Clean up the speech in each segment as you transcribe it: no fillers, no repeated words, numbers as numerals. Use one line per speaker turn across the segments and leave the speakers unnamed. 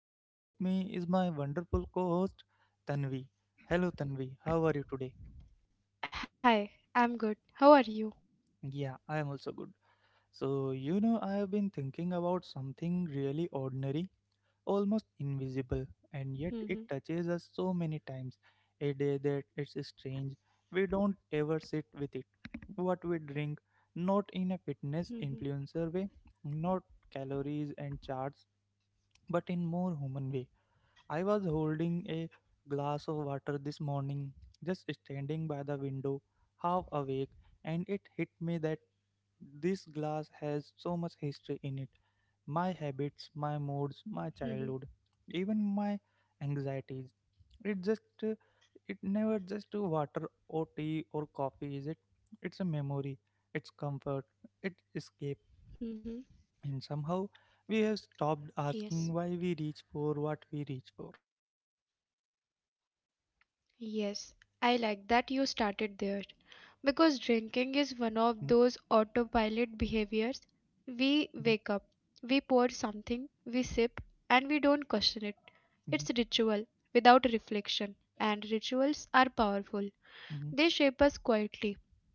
And with me is my wonderful co host, Tanvi. Hello, Tanvi, how are you today?
Hi, I'm good. How are you?
Yeah, I am also good. So, I have been thinking about something really ordinary, almost
Mhm.
invisible, and yet it touches us so many times a day that it's strange. We don't ever sit with it. What we drink, not
Mhm.
in a fitness influencer way, not calories and charts, but in more human way. I was holding a glass of water this morning, just standing by the window, half awake, and it hit me that this glass has so much history in it, my habits, my moods,
Mhm.
my childhood, even my anxieties. It just, uh, it never just water or tea or coffee, is it? It's a memory, it's comfort, it's escape,
Mhm.
and somehow we have stopped
Yes,
asking why we reach for what we reach for, right?
yes. I like that you started there because
Hmm.
drinking is one of those autopilot behaviors. We wake
Hmm.
up, we pour something, we sip, and we don't question it. It's
Hmm.
ritual without reflection, and rituals are powerful.
Hmm.
They shape us quietly.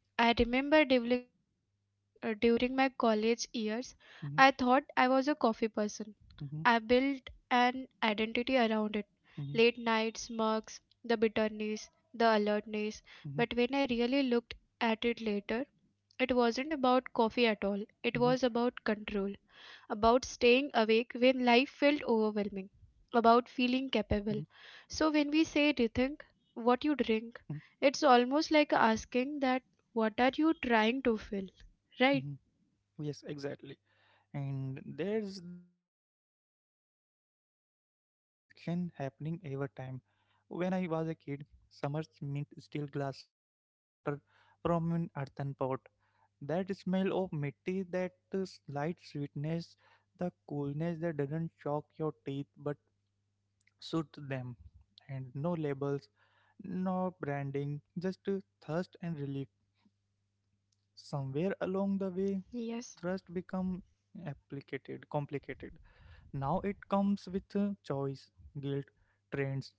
I remember during my college years, I thought I was a coffee person. I built
Hmm.
an identity around it. Late
Hmm. Hmm.
nights, mugs, the bitterness, the alertness. But when I really looked at it later, it wasn't about coffee at all. It was about
Hmm.
control, about staying awake when life felt overwhelming, about
Hmm.
feeling capable. So when we say rethink what you
Hmm.
drink, it's almost like asking that what are you trying to fill, right?
Hmm. Yes, exactly. And there's this emotional transaction happening every time. When I was a kid, summers meant steel glasses filled with water from an earthen pot. That smell of mitti, that slight sweetness, the coolness that doesn't shock your teeth but suits them. And no labels, no branding, just thirst and relief. Somewhere along the
Yes.
way, thrust become complicated, now it comes with choice, guilt, trends.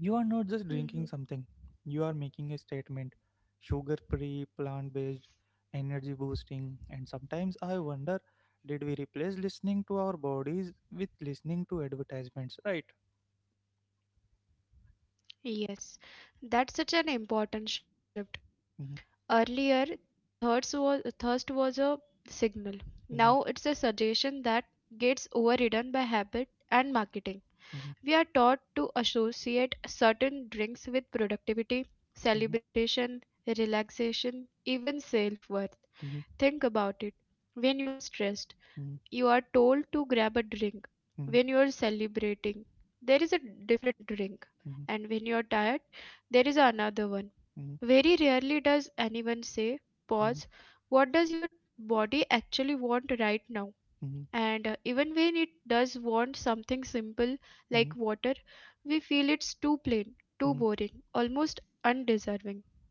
You are not just drinking something, you are making a statement. Sugar free, plant based, energy boosting. And sometimes I wonder, did we replace listening to our bodies with listening to advertisements, right?
Yes, that's such an important shift.
Mhm.
Earlier, thirst was a signal.
Mhm.
Now it's a suggestion that gets overridden by habit and marketing.
Mhm.
We are taught to associate certain drinks with productivity,
Mhm.
celebration, relaxation, even self worth.
Mhm.
Think about it. When you are stressed,
Mhm.
you are told to grab a drink
Mhm.
when you are celebrating. There is a different drink.
Mhm.
And when you are tired, there is another one.
Mhm.
Very rarely does anyone say, pause, what does your body actually want right now?
Mhm.
And even when it does want something simple
Mhm.
like water, we feel it's too plain,
Mhm.
too boring, almost undeserving,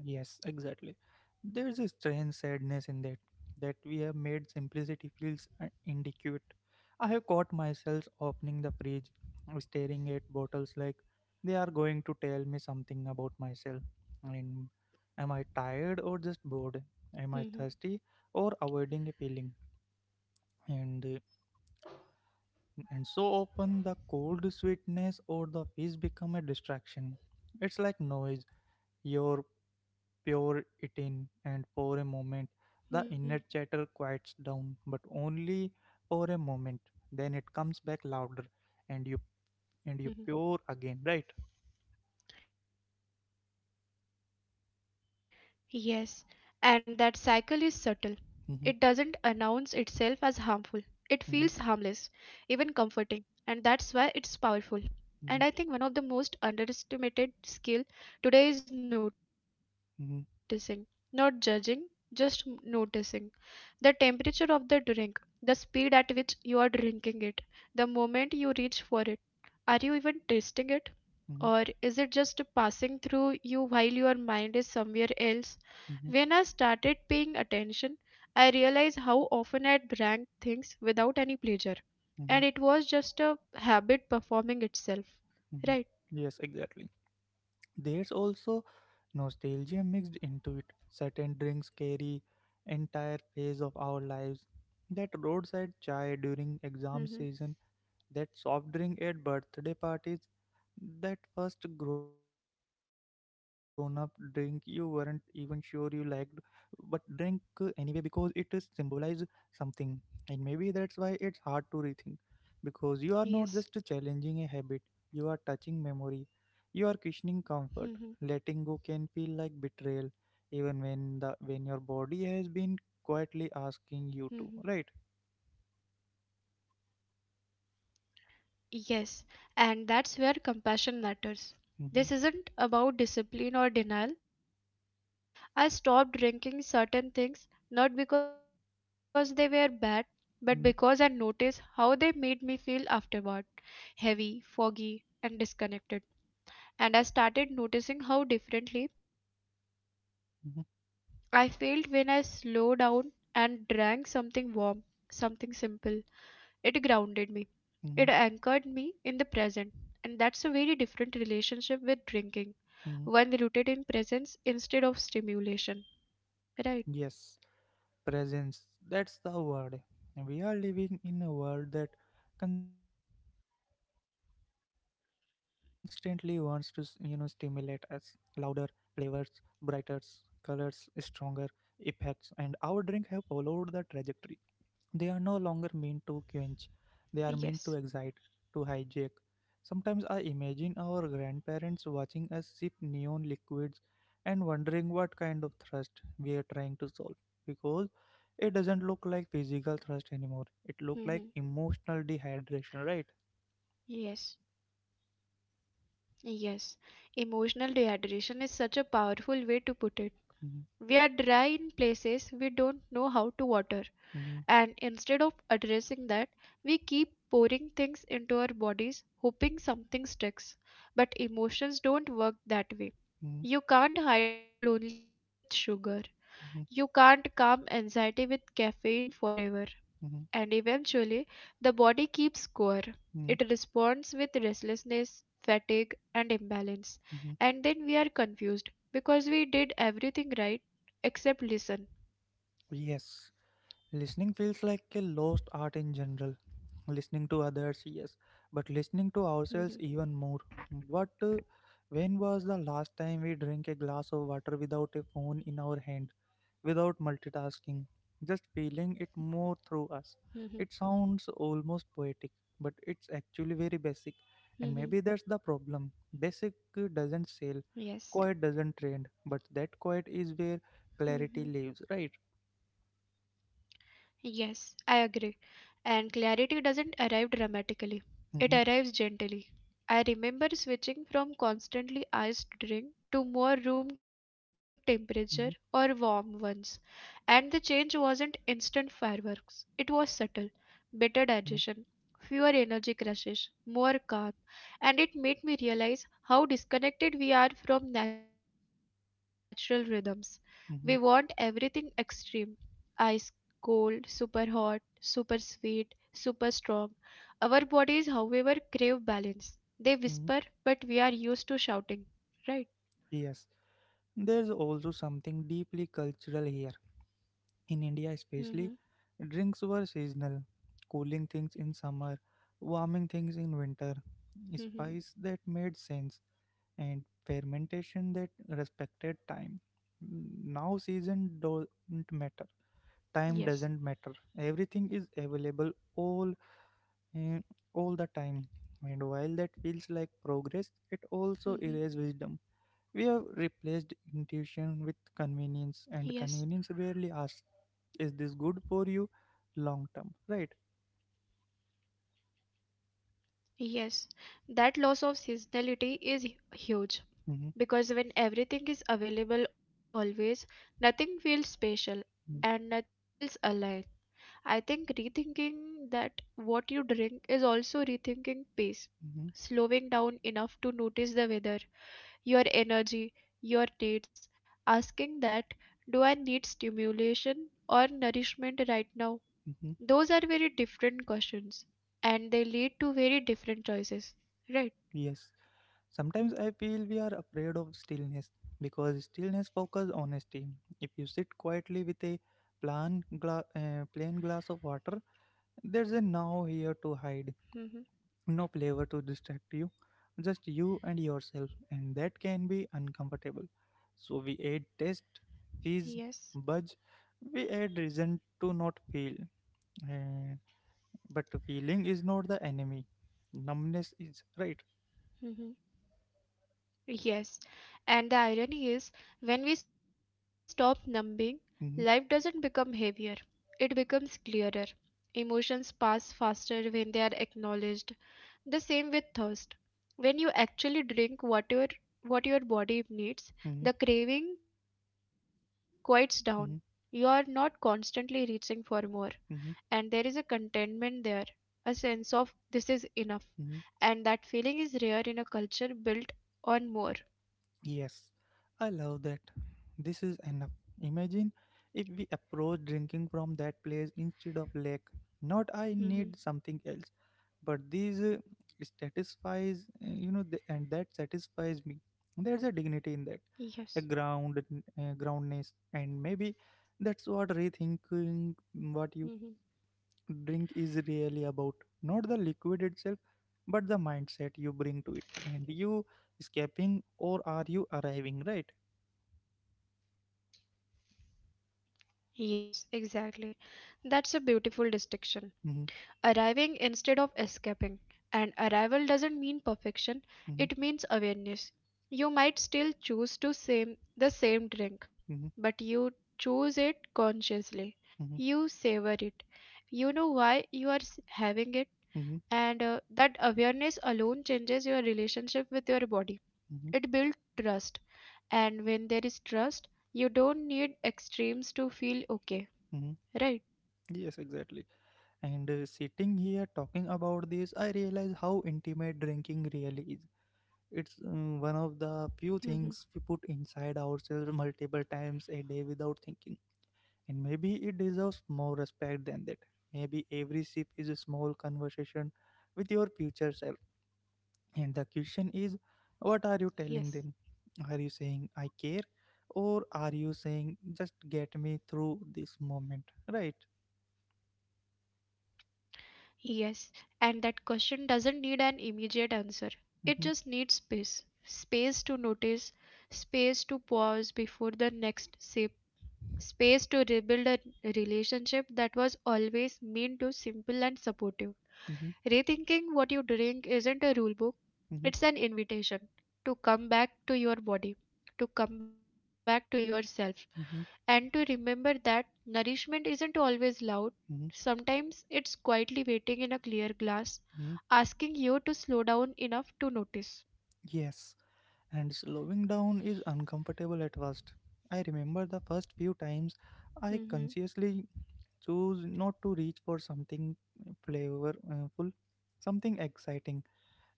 right?
Yes, exactly. There's a strange sadness in that, that we have made simplicity feels inadequate. I have caught myself opening the fridge, staring at bottles like they are going to tell me something about myself. And am I tired or just bored?
Hmm.
Am I thirsty or avoiding a feeling? And uh, and so often the cold sweetness or the fish become a distraction. It's like noise. Your
Hmm.
Pour it in, and for a moment the inner chatter quiets down, but only for a moment. Then it comes back louder, and you pour again, right?
Hmm. Yes, and that cycle is subtle. It doesn't announce
Mhm.
itself as harmful. It feels harmless,
Mhm.
even comforting, and that's why it's powerful.
Mhm.
And I think one of the most underestimated skill today is noticing, not judging,
Mhm.
just noticing the temperature of the drink, the speed at which you are drinking it, the moment you reach for it. Are you even tasting it? Or is it
Mhm.
just passing through you while your mind is somewhere else? When I started
Mhm.
paying attention, I realized how often I drank things without any pleasure, and it was
Mhm.
just a habit performing itself. Right?
Mhm. Yes, exactly. There's also nostalgia mixed into it. Certain drinks carry entire phase of our lives. That roadside chai during
Mm-hmm.
exam season, that soft drink at birthday parties, that first grown up drink you weren't even sure you liked, but drank anyway because it is symbolized something. And maybe that's why it's hard to rethink.
Yes.
Because you are not just challenging a habit, you are touching memory, you are questioning
Mm-hmm.
comfort. Letting go can feel like betrayal, even when your body has been quietly asking you to, right?
Yes, and that's where compassion matters. This isn't about
Mm-hmm.
discipline or denial, it's about awareness with kindness. I stopped drinking certain things not because they were bad, but because I
Mm-hmm.
noticed how they made me feel afterward: heavy, foggy, and disconnected. And I started noticing how differently I felt when I
Mm-hmm.
slowed down and drank something warm, something simple. It grounded me, it anchored me
Mm-hmm.
in the present, and that's a very different relationship with drinking, one
Mm-hmm.
rooted in presence instead of stimulation. Right?
Yes. Presence, that's the word. We are living in a world that constantly wants to, s- you know, stimulate us. Louder flavors, brighter colors, stronger effects, and our drink have followed the trajectory. They are no longer meant to quench, they are meant to
Yes.
excite, to hijack. Sometimes I imagine our grandparents watching us sip neon liquids and wondering what kind of thirst we are trying to solve, because it doesn't look like physical thirst anymore.
Hmm.
It looks like emotional dehydration, right?
Yes. Yes. Emotional dehydration is such a powerful way to put it.
Mhm.
We are dry in places we don't know how to water,
Mhm.
and instead of addressing that, we keep pouring things into our bodies, hoping something sticks. But emotions don't work that way.
Mhm.
You can't hydrate loneliness with sugar.
Mhm.
You can't calm anxiety with caffeine forever.
Mhm.
And eventually, the body keeps score.
Mhm.
It responds with restlessness, fatigue, and imbalance.
Mhm.
And then we are confused because we did everything right except listen.
Yes. Listening feels like a lost art in general. Listening to others, yes, but listening to
Mhm.
ourselves even more. What, uh, when was the last time we drank a glass of water without a phone in our hand, without multitasking, just feeling it more through us?
Mhm.
It sounds almost poetic, but it's actually very basic, and maybe
Mhm.
that's the problem. Basic doesn't sell, quiet
Yes.
doesn't trend, but that quiet is where clarity
Mhm.
lives, right?
Yes, I agree. And clarity doesn't arrive dramatically,
Hmm.
it arrives gently. I remember switching from constantly iced drink
Hmm.
to more room temperature or warm ones, and the change wasn't instant fireworks. It was subtle, better digestion, fewer energy crashes, more calm, and it made me realize how disconnected we are from natural rhythms. We want everything
Mm-hmm.
extreme: ice, cold, super hot, super sweet, super strong. Our bodies, however, crave balance. They whisper,
Mm-hmm.
but we are used to shouting. Right?
Yes, there's also something deeply cultural here. In India, especially, drinks
Mm-hmm.
were seasonal, cooling things in summer, warming things in winter, spice that made sense,
Mm-hmm.
and fermentation that respected time. Now, season don't matter,
Yes.
time doesn't matter. Everything is available and all the time. And while that feels like progress, it also
Mm-hmm.
erases wisdom. We have replaced intuition with
Yes.
convenience, and convenience rarely asks, is this good for you long term? Right?
Yes. That loss of seasonality is huge
Hmm.
because when everything is available always, nothing feels special and nothing feels aligned. I think rethinking that what you drink is also rethinking pace,
Hmm.
slowing down enough to notice the weather, your energy, your needs, asking that, do I need stimulation or nourishment right now?
Hmm.
Those are very different questions and they lead to very different choices, right?
Yes. Sometimes I feel we are afraid of stillness because stillness focuses honesty. If you sit quietly with a plain glass of water, there's a now here to hide.
Hmm.
No flavor to distract you, just you and yourself, and that can be uncomfortable. So we add taste, fizz,
Yes.
budge, we add reason to not feel. Uh, but feeling is not the enemy, numbness is, right.
Hmm. Yes. And the irony is, when we stop numbing, life doesn't become
Hmm.
heavier, it becomes clearer. Emotions pass faster when they are acknowledged. The same with thirst. When you actually drink whatever what your body needs,
Hmm.
the craving quiets down. You are not
Hmm.
constantly reaching for more, and there is a
Hmm.
contentment there, a sense of this is enough, and
Hmm.
that feeling is rare in a culture built on more.
Yes, I love that. This is enough. Imagine if we approach drinking from that place instead of lake. Not I need something else, but these
Hmm.
satisfies, and that satisfies me. There's a dignity in that, a
Yes.
groundness, and maybe that's what rethinking what you
Hmm.
drink is really about, not the liquid itself but the mindset you bring to it, and you escaping or are you arriving, right?
Yes, exactly. That's a beautiful distinction.
Mm-hmm.
Arriving instead of escaping. And arrival doesn't mean perfection, it means awareness. You might still choose to same the same
Mm-hmm.
drink, but you choose it consciously.
Mm-hmm. Mm-hmm.
You savor it. You know why you are having it,
Mm-hmm.
and that awareness alone changes your relationship with your body.
Mm-hmm.
It builds trust, and when there is trust, you don't need extremes to feel okay,
Mm-hmm.
right?
Yes, exactly. And sitting here talking about this, I realize how intimate drinking really is. It's one of the few things we
Hmm.
put inside ourselves multiple times a day without thinking. And maybe it deserves more respect than that. Maybe every sip is a small conversation with your future self. And the question is, what are you telling
Yes.
them? Are you saying I care? Or are you saying just get me through this moment? Right?
Yes, and that question doesn't need an immediate answer. It
Mm-hmm.
just needs space. Space to notice, space to pause before the next sip, space to rebuild a relationship that was always mean to simple and supportive.
Mm-hmm.
Rethinking what you drink isn't a rule book,
Mm-hmm.
it's an invitation to come back to your body, to come back to yourself,
Mm-hmm.
and to remember that nourishment isn't always loud.
Mm-hmm.
Sometimes it's quietly waiting in a clear glass,
Mm-hmm.
asking you to slow down enough to notice.
Yes. And slowing down is uncomfortable at first. I remember the first few times I
Hmm.
consciously chose not to reach for something flavorful, something exciting.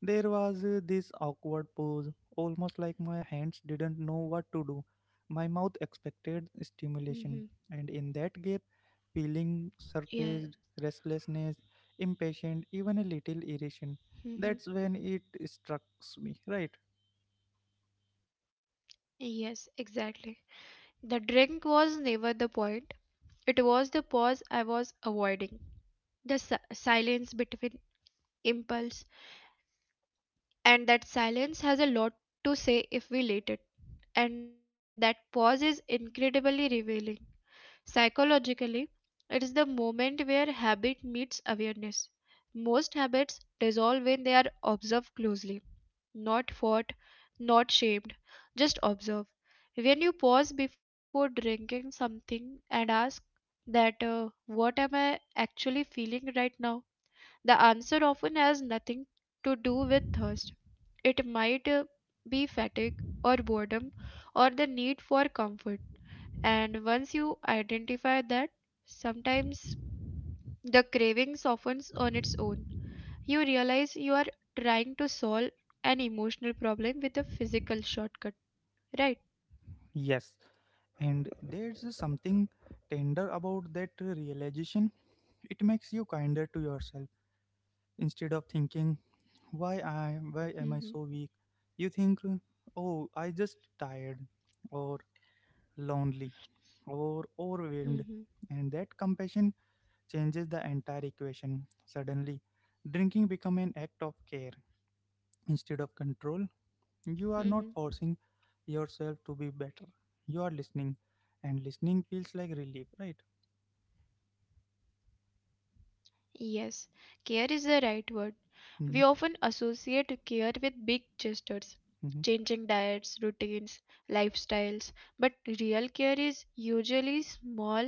There was this awkward pause, almost like my hands didn't know what to do. My mouth expected stimulation,
Hmm.
and in that gap, feeling
Yes.
surfaced, restlessness, impatient, even a little irritation.
Hmm.
That's when it struck me, right?
Yes, exactly. The drink was never the point. It was the pause I was avoiding, the silence between impulse. And that silence has a lot to say if we let it. And that pause is incredibly revealing. Psychologically, it's the moment where habit meets awareness. Most habits dissolve when they are observed closely, not fought, not shamed, just observe. When you pause before drinking something and ask that, what am I actually feeling right now? The answer often has nothing to do with thirst. It might be fatigue or boredom or the need for comfort. And once you identify that, sometimes the craving softens on its own. You realize you are trying to solve an emotional problem with a physical shortcut, right?
Yes. And there's something tender about that realization. It makes you kinder to yourself instead of thinking, why
Hmm.
I why am I so weak? You think, oh, I just tired, or lonely, or
Hmm.
overwhelmed. And that compassion changes the entire equation. Suddenly, drinking become an act of care instead of control. You are not forcing
Hmm.
yourself to be better. You are listening, and listening feels like relief, right?
Yes, care is the right word.
Mm-hmm.
We often associate care with big gestures,
Hmm.
changing diets, routines, lifestyles, but real care is usually small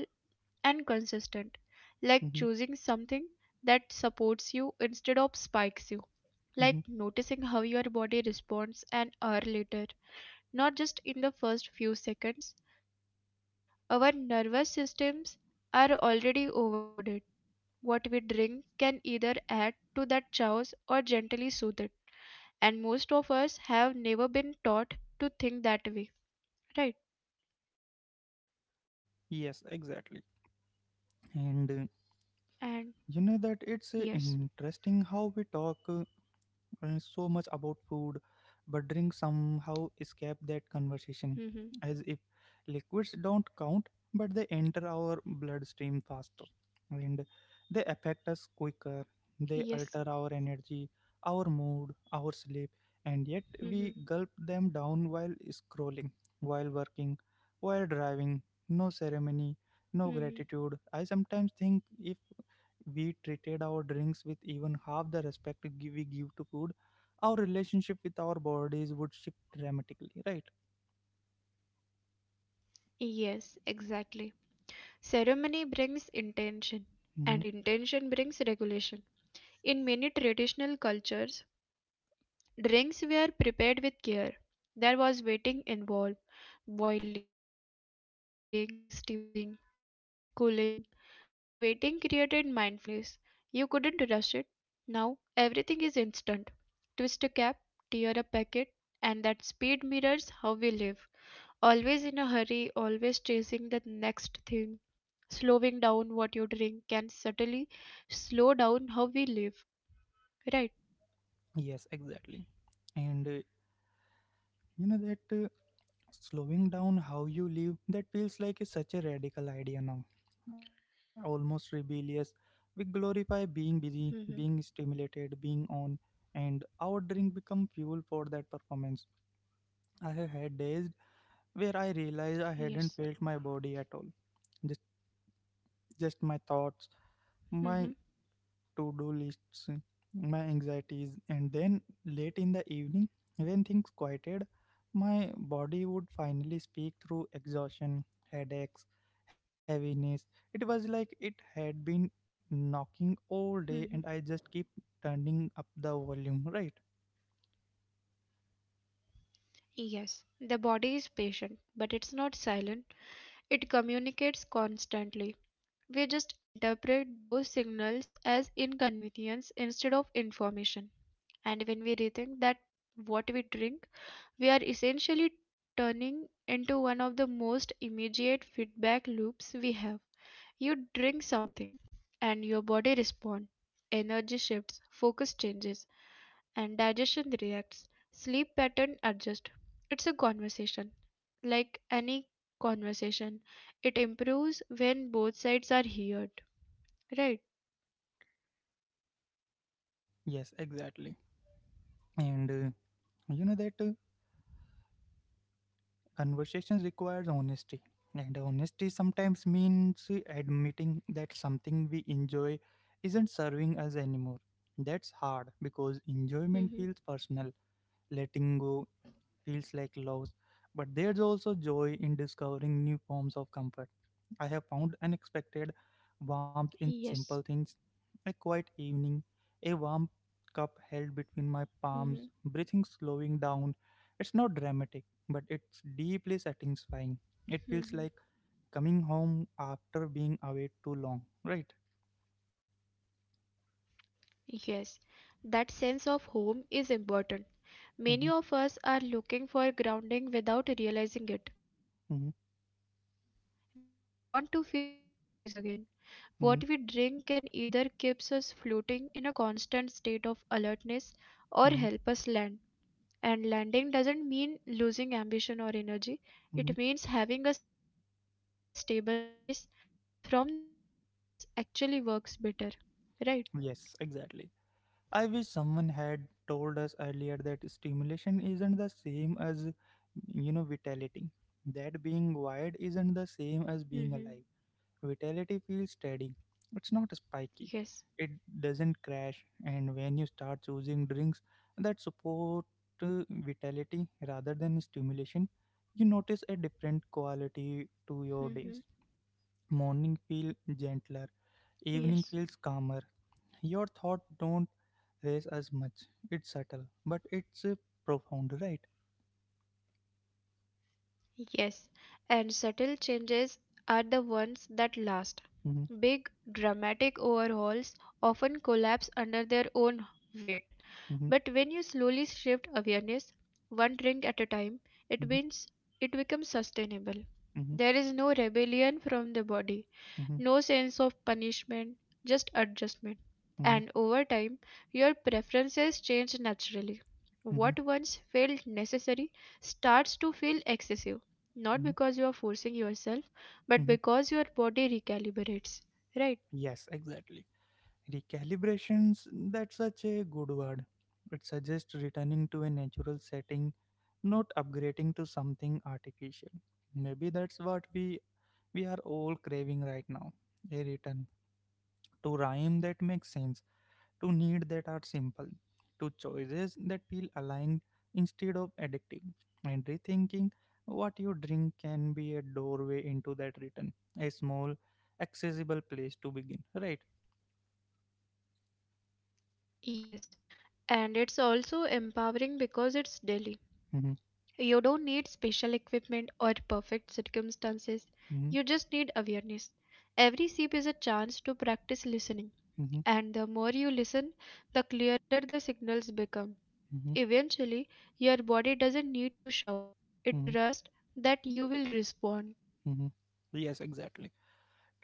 and consistent,
Hmm.
like choosing something that supports you instead of spikes you,
Hmm.
like noticing how your body responds an hour later, not just in the first few seconds. Our nervous systems are already overloaded. What we drink can either add to that chaos or gently soothe it. And most of us have never been taught to think that way, right?
Yes, exactly. And
And
you
yes.
know that it's interesting how we talk, so much about food, but drinks somehow escape that
Hmm.
conversation, as if liquids don't count, but they enter our bloodstream faster and they affect us quicker. They
Yes.
alter our energy, our mood, our sleep, and yet
Hmm.
we gulp them down while scrolling, while working, while driving. No ceremony, no
Hmm.
gratitude. I sometimes think if we treated our drinks with even half the respect we give to food, our relationship with our bodies would shift dramatically, right?
Yes, exactly. Ceremony brings intention, and
Hmm.
intention brings regulation. In many traditional cultures, drinks were prepared with care. There was waiting involved: boiling, steeping, cooling. That waiting created mindfulness. You couldn't rush it. Now everything is instant. Twist a cap, tear a packet, and that speed mirrors how we live. Always in a hurry, always chasing the next thing. Slowing down what you drink can subtly slow down how we live. Right?
Yes, exactly. And you know that slowing down how you live, that feels like such a radical idea now, almost rebellious. We glorify
Mm-hmm.
being busy, being stimulated, being on, and our drink become fuel for that performance. I have had days where I
Yes.
realized I hadn't felt my body at all, just my thoughts,
Mm-hmm.
my to do lists, my anxieties, and then late in the evening, when things quieted, my body would finally speak through exhaustion, headaches, heaviness. It was like it had been knocking
Mm-hmm.
all day, and I just keep turning up the volume, right?
Yes, the body is patient, but it's not silent. It communicates constantly. We just interpret those signals as inconvenience instead of information. And when we rethink that what we drink, we are essentially turning into one of the most immediate feedback loops we have. You drink something and your body responds. Energy shifts, focus changes, and digestion reacts. Sleep pattern adjusts. It's a conversation. Like any conversation, it improves when both sides are heard. Right?
Yes, exactly. And you know that. Conversations requires honesty, and honesty sometimes means admitting that something we enjoy isn't serving us anymore. That's hard because enjoyment feels
Mm-hmm.
personal. Letting go feels like loss, but there's also joy in discovering new forms of comfort. I have found unexpected warmth in
Yes.
simple things. A quiet evening, a warm cup held between my
Mm-hmm.
palms, breathing slowing down. It's not dramatic, but it's deeply satisfying. It feels
Mm-hmm.
like coming home after being away too long, right?
Yes. That sense of home is important. Many
Mm-hmm.
of us are looking for grounding without realizing it. We
Mm-hmm.
want to feel safe in our own bodies again. What we
Mm-hmm.
drink can either keeps us floating in a constant state of alertness or
Mm-hmm.
help us land. And landing doesn't mean losing ambition or energy.
Mm-hmm.
It means having a stable base. From that base, everything else actually works better. Right?
Yes, exactly. I wish someone had told us earlier that stimulation isn't the same as vitality. That being wired isn't the same as being
Hmm.
alive. Vitality feels steady, it's not
Yes.
spiky, it doesn't crash. And when you start choosing drinks that support vitality rather than stimulation, you notice a different quality to your
Hmm.
days. Morning feel gentler,
Yes.
evening feels calmer. Your thoughts don't raise as much. It's subtle, but it's profound, right?
Yes, and subtle changes are the ones that last.
Mhm.
Big, dramatic overhauls often collapse under their own weight.
Mhm.
But when you slowly shift awareness, one drink at a time, it
Mhm.
means it becomes sustainable.
Mhm.
There is no rebellion from the body,
Mhm.
no sense of punishment, just adjustment.
Mhm.
And over time, your preferences change naturally.
Mhm.
What once felt necessary starts to feel excessive
Mhm.
not because you are forcing yourself,
Mhm.
but because your body recalibrates, right?
Yes, exactly. Recalibrations, that's such a good word. It suggests returning to a natural setting, not upgrading to something artificial. Maybe that's what we are all craving right now. A return to rhyme that makes sense, to needs that are simple, to choices that feel aligned instead of addictive. And rethinking what you drink can be a doorway into that return, a small, accessible place to begin, right?
Yes. And it's also empowering because it's daily.
hmm
You don't need special equipment or perfect circumstances.
hmm
You just need awareness. Every sip is a chance to practice listening.
hmm
And the more you listen, the clearer the signals become.
hmm
Eventually, your body doesn't need to shout.
hmm
It trusts that you will respond.
hmm Yes, exactly.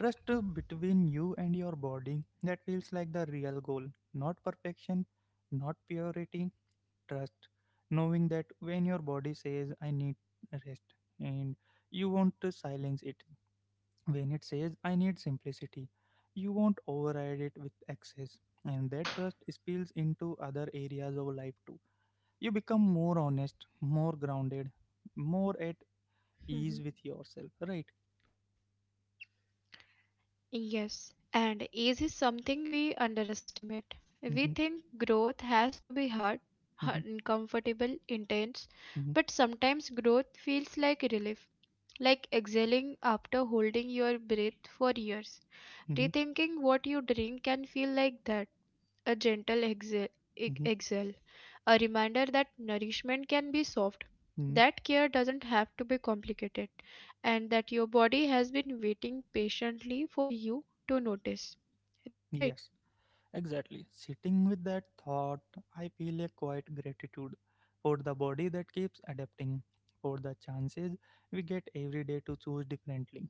Trust between you and your body, that feels like the real goal, not perfection, not purity, trust, knowing that when your body says, I need rest, and you won't silence it. When it says, I need simplicity, you won't override it with excess. And that trust spills into other areas of life too. You become more honest, more grounded, more at ease with yourself, right?
Yes, and ease is something we underestimate. We
Mm-hmm,
think growth has to be hard,
mm-hmm,
uncomfortable, intense,
mm-hmm,
but sometimes growth feels like relief, like exhaling after holding your breath for years.
mm-hmm,
Rethinking what you drink can feel like that, a gentle exhale, ex-
mm-hmm,
exhale, a reminder that nourishment can be soft,
mm-hmm.
that care doesn't have to be complicated, and that your body has been waiting patiently for you to notice. Right?
Yes. Exactly. Sitting with that thought, I feel a quiet gratitude for the body that keeps adapting, for the chances we get every day to choose differently,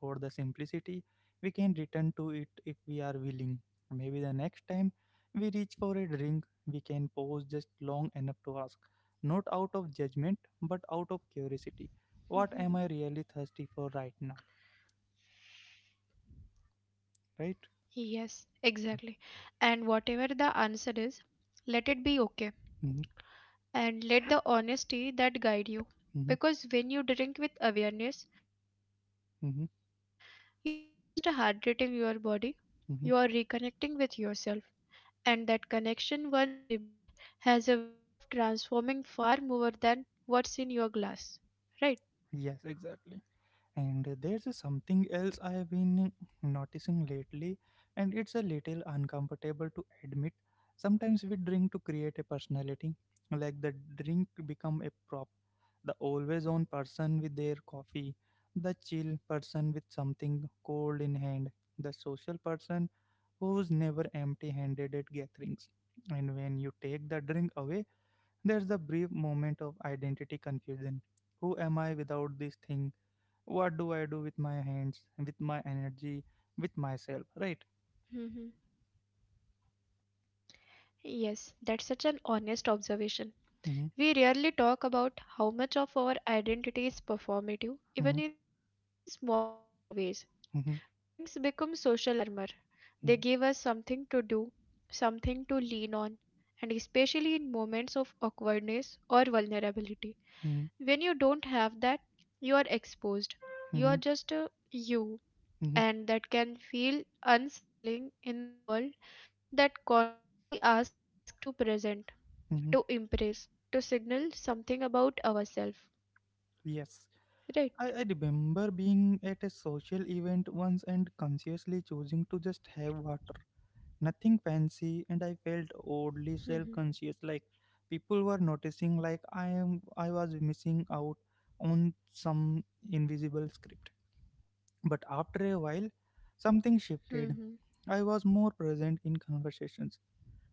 for the simplicity we can return to it if we are willing. Maybe the next time we reach for a drink, we can pause just long enough to ask, not out of judgment, but out of curiosity, what am I
Mhm.
really thirsty for right now? Right?
Yes, exactly. And whatever the answer is, let it be okay
Mm-hmm,
and let the honesty that guide you.
mm-hmm,
Because when you drink with awareness, you are not just
mm-hmm,
hydrating your body, you are reconnecting with yourself.
mm-hmm.
And that connection, once rebuilt, has a way of transforming far more than what's in your glass. Right?
Yes, exactly. And there's something else I've been noticing lately, and it's a little uncomfortable to admit. Sometimes we drink to create a personality, like the drink become a prop, the always on person with their coffee, the chill person with something cold in hand, the social person who's never empty handed at gatherings. And when you take the drink away, there's the brief moment of identity confusion. Who am I without this thing? What do I do with my hands, with my energy, with myself,
hmm
right?
Yes, that's such an honest observation. We rarely
Mhm,
talk about how much of our identity is performative, even in
mhm,
small ways. Drinks become social
mhm,
armor. They give us something to do,
mhm,
something to lean on, and especially in moments of awkwardness or vulnerability. When you don't have that, you are exposed. You are just a
mhm, mhm,
you, and that can
mhm,
feel unsettling in a world that constantly asks us to present, to impress, to
mhm.
signal something about ourselves. Right?
Yes. I remember being at a social event once and consciously choosing to just have water, nothing fancy, and I felt oddly self-conscious, like people were noticing, like I was missing out on some invisible script. But after a while, something shifted. I was more present in conversations.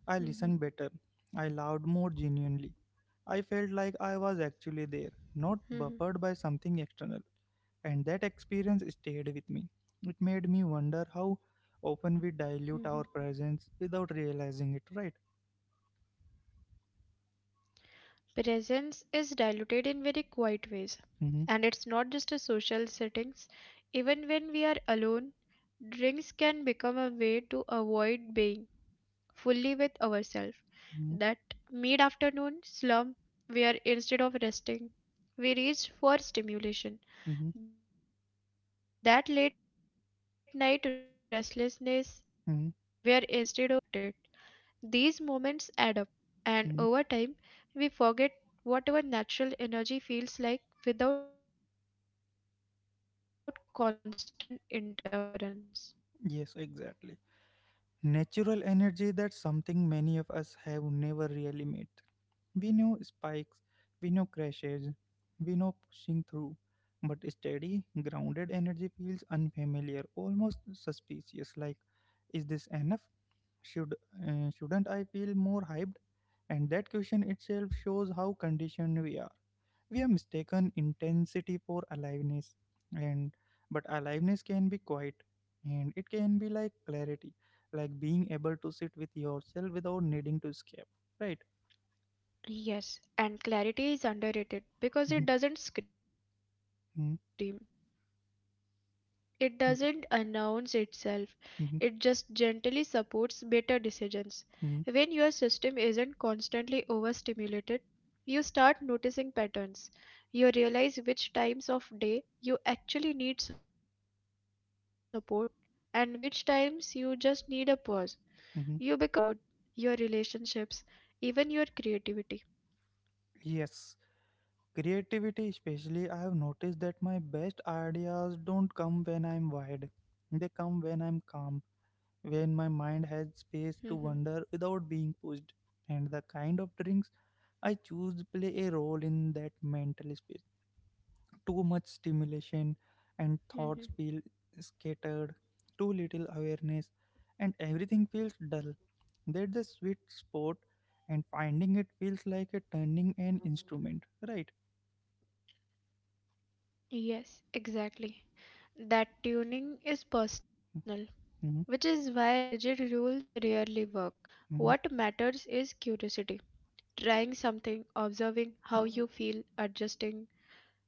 I listened better. I loved more genuinely. I felt like I was actually there, not buffered by something external. And that experience stayed with me. It made me wonder how often we dilute our presence without realizing it, right?
Presence is diluted in very quiet ways, and
hmm
it's not just a social settings. Even when we are alone, drinks can become a way to avoid being fully with ourselves. That
hmm
mid-afternoon slump where instead of resting we reach for stimulation,
hmm
that late night restlessness where instead of winding down
hmm
we sip something to stay distracted, these moments
hmm
add up, and over time, we forget whatever natural energy feels like without constant interference.
Yes, exactly. Natural energy, that's something many of us have never really met. We know spikes, we know crashes, we know pushing through, but steady, grounded energy feels unfamiliar, almost suspicious. Like, is this enough? Should shouldn't I feel more hyped? And that question itself shows how conditioned we are. We have mistaken intensity for aliveness, and but aliveness can be quiet, and it can be like clarity, like being able to sit with yourself without needing to escape. Right.
Yes, and clarity is underrated because it doesn't
Mhm.
scream. It doesn't announce
Mhm.
itself. It just gently
Mhm,
supports better decisions. When your system isn't
mhm,
constantly overstimulated, you start noticing patterns. You realize which times of day you actually need support and which times you just need a pause. You become less reactive, and that has
mhm.
a ripple effect on your mood, your relationships, even your creativity.
Yes, creativity especially. I have noticed that my best ideas don't come when I'm wide. They come when I'm calm,
Mhm,
when my mind has space to wander without being pushed. And the kind of drinks I choose play a role in that mental space. Too much stimulation
mhm.
and thoughts feel scattered, too little awareness, and everything feels dull. That's the sweet spot, and finding it feels like a turning an instrument, right?
Yes, exactly. That tuning is personal, which is
Mhm,
why rigid rules rarely work. What
mhm,
matters is curiosity. Trying something, observing how you feel, adjusting,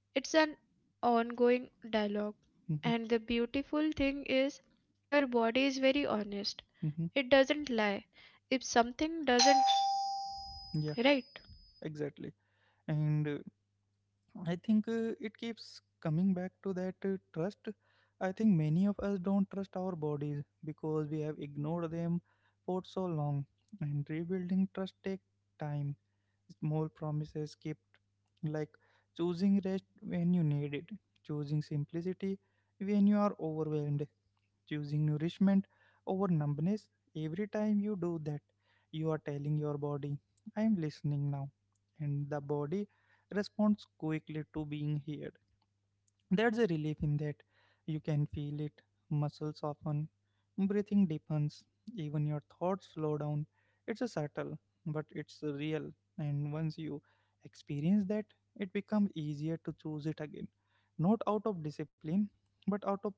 it's an ongoing dialogue.
mhm,
And the beautiful thing is, your body is very honest. It
mhm.
doesn't lie. If something doesn't, right?
Yeah, exactly. And I think it keeps coming back to that trust. I think many of us don't trust our bodies because we have ignored them for so long, and rebuilding trust takes time. More promises kept, like choosing rest when you need it, choosing simplicity when you are overwhelmed, choosing nourishment over numbness. Every time you do that, you are telling your body, I am listening now. And the body responds quickly to being heard. There's a relief in that. You can feel it, muscles soften, breathing deepens, even your thoughts slow down. It's a subtle, but it's real, and once you experience that, it becomes easier to choose it again. Not out of discipline, but out of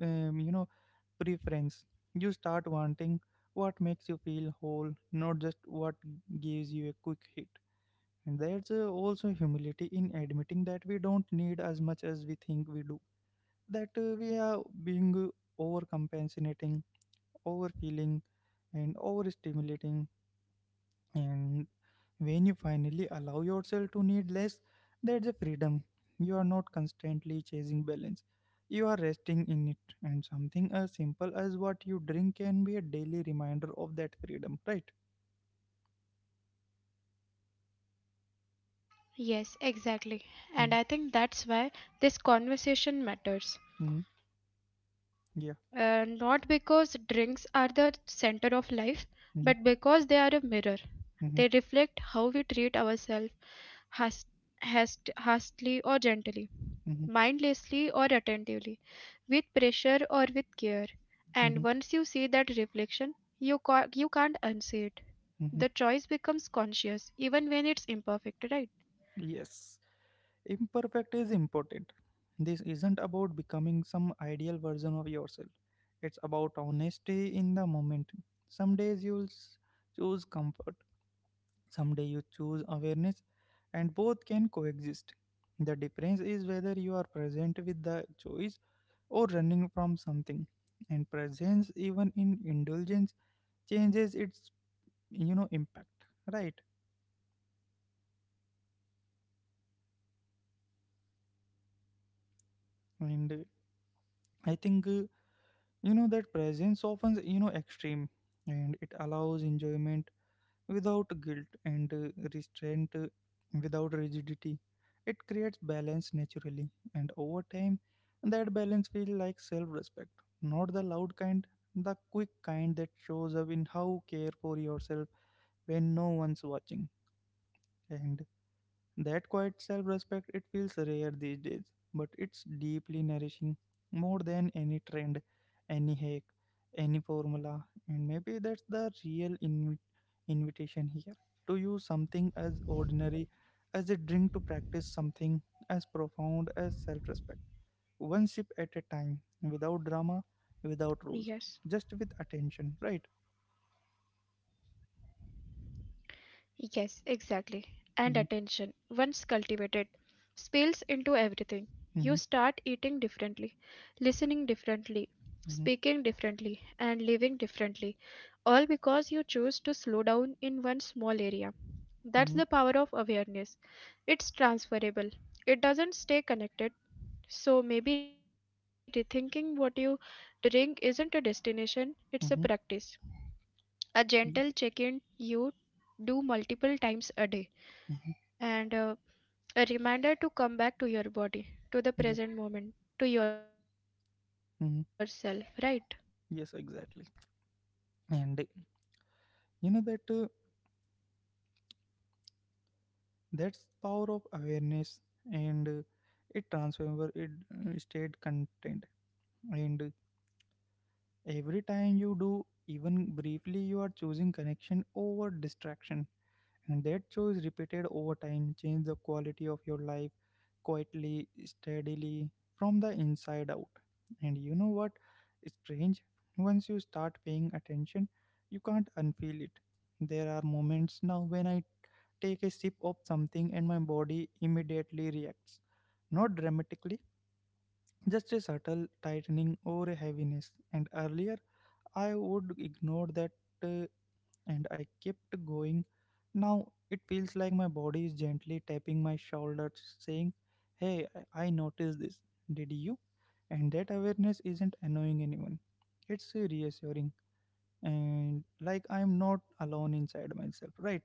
um, you know preference. You start wanting what makes you feel whole, not just what gives you a quick hit. And there's also humility in admitting that we don't need as much as we think we do, that we are being overcompensating, overfeeling, and overstimulating. And when you finally allow yourself to need less, that's a freedom. You are not constantly chasing balance. You are resting in it, and something as simple as what you drink can be a daily reminder of that freedom, right?
Yes, exactly. And I think that's why this conversation matters.
Mm-hmm. Yeah.
Not because drinks are the center of life, but because
Mm-hmm.
they are a mirror. They
Mm-hmm.
reflect how we treat ourselves, hast- hastily or gently,
Mm-hmm.
mindlessly or attentively, with pressure or with care. And
Mm-hmm.
once you see that reflection, you can't unsee it.
Mm-hmm.
The choice becomes conscious even when it's imperfect, right?
Yes. Imperfect is important. This isn't about becoming some ideal version of yourself. It's about honesty in the moment. Some days you'll choose comfort, some day you choose awareness, and both can coexist. The difference is whether you are present with the choice or running from something. And presence, even in indulgence, changes its, you know, impact, right? And I think you know that presence often, you know, extreme, and it allows enjoyment without guilt and restraint without rigidity. It creates balance naturally, and over time, that balance feels like self-respect, not the loud kind, the quick kind that shows up in how care for yourself when no one's watching. And that quiet self respect, it feels rare these days, but it's deeply nourishing, more than any trend, any hack, any formula. And maybe that's the real invitation here, to use something as ordinary as a drink to practice something as profound as self respect, one sip at a time, without
Yes.
drama, without rules, just with attention, right?
Yes, exactly. And attention,
hmm
once cultivated, spills into everything. You start
hmm
eating differently, listening differently, speaking
hmm
differently, and living differently, all because you choose to slow down in one small area. That's the
hmm
power of awareness. It's transferable, it doesn't stay connected. So maybe rethinking what you drink isn't a destination, it's a practice.
hmm
A gentle check in you do multiple times a day,
hmm
and a reminder to come back to your body, to the
Yeah.
present moment, to yourself, right?
hmm Yes, exactly. And you know that that's power of awareness and it transforms it, state content, and every time you do, even briefly, you are choosing connection over distraction, and that choice repeated over time change the quality of your life, quietly, steadily, from the inside out. And you know what? It's strange. Once you start paying attention, you can't unfeel it. There are moments now when I take a sip of something and my body immediately reacts. Not dramatically, just a subtle tightening or a heaviness. And earlier, I would ignore that uh, and I kept going. Now it feels like my body is gently tapping my shoulders, saying, hey, I noticed this. Did you? And that awareness isn't annoying anyone. It's reassuring. And like I'm not alone inside myself, right?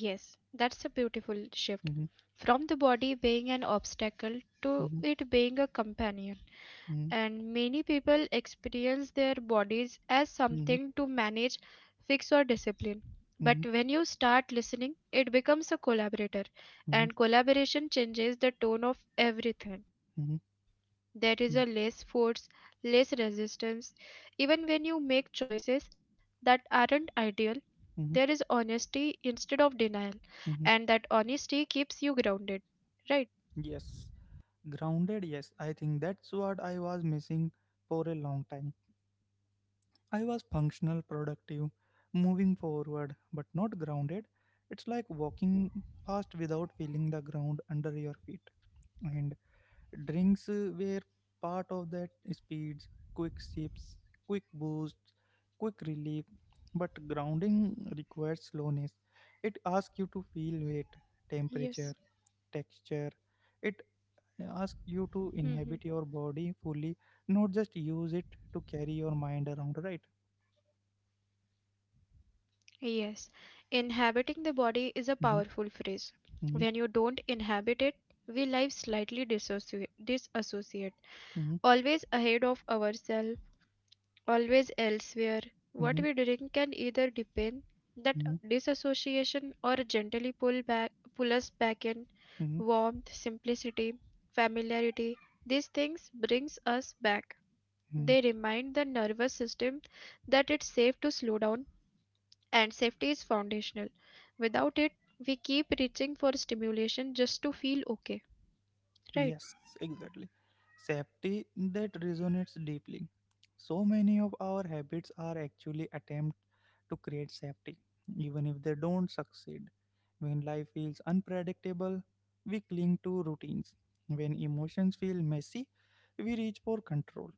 Yes, that's a beautiful shift
Mhm,
from the body being an obstacle to
mhm,
it being a companion.
mhm,
And many people experience their bodies as something to
mhm,
manage, fix, or discipline. But when
mhm,
you start listening, it becomes a collaborator, and
mhm,
collaboration changes the tone of everything.
mhm,
There is a
mhm,
less force, less resistance. Even when you make choices that aren't ideal, there
mhm,
is honesty instead of denial,
mhm.
and that honesty keeps you grounded. Right?
Yes. Grounded, yes. I think that's what I was missing for a long time. I was functional, productive, moving forward, but not grounded. It's like walking fast without feeling the ground under your feet. And drinks were part of that speeds, quick sips, quick boosts, quick relief. But grounding requires slowness. It asks you to feel weight, temperature,
Yes.
texture. It asks you to inhabit your body fully, not just use it to carry your mind around, right?
Yes, inhabiting the body is a
Mhm,
powerful phrase.
mhm.
When you don't inhabit it, we live slightly disassociate,
Mhm,
always ahead of ourselves, always elsewhere. What we
mhm,
drink can either deepen that
mhm,
disassociation or pull us back in.
mhm,
Warmth, simplicity, familiarity, these things brings us back.
mhm.
They remind the nervous system that it's safe to slow down, and safety is foundational. Without it, we keep reaching for stimulation just to feel okay,
Yes,
right?
exactly. Safety, that resonates deeply. So many of our habits are actually attempt to create safety, even if they don't succeed. When life feels unpredictable, we cling to routines. When emotions feel messy, we reach for control.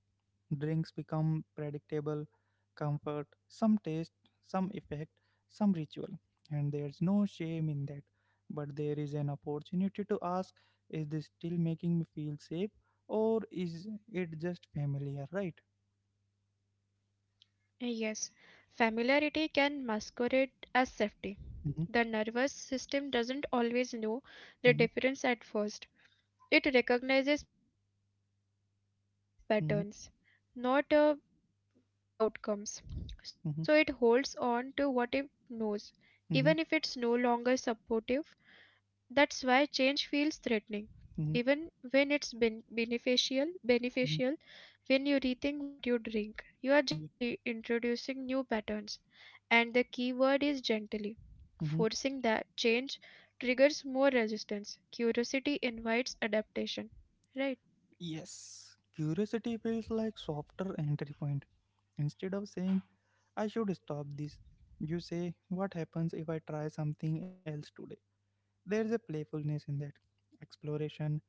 Drinks become predictable, comfort, some taste, some effect, some ritual. And there's no shame in that. But there is an opportunity to ask, is this still making me feel safe or is it just familiar, right?
Yes, familiarity can masquerade
Mm-hmm,
as safety. The nervous system doesn't
mm-hmm,
always know the difference at first. It recognizes patterns, not outcomes. So it holds on
mm-hmm,
to what it knows, even if it's no
mm-hmm,
longer supportive. That's why change feels threatening, even
mm-hmm,
when it's been beneficial.
mm-hmm,
When you rethink what you drink, you are gently
mm-hmm, yeah,
reintroducing new patterns, and the key word is gently.
mm-hmm.
Forcing that change triggers more resistance. Curiosity invites adaptation, right?
Yes, curiosity feels like softer entry point. Instead of saying, I should stop this, you say, what happens if I try something else today? There's a playfulness in that exploration,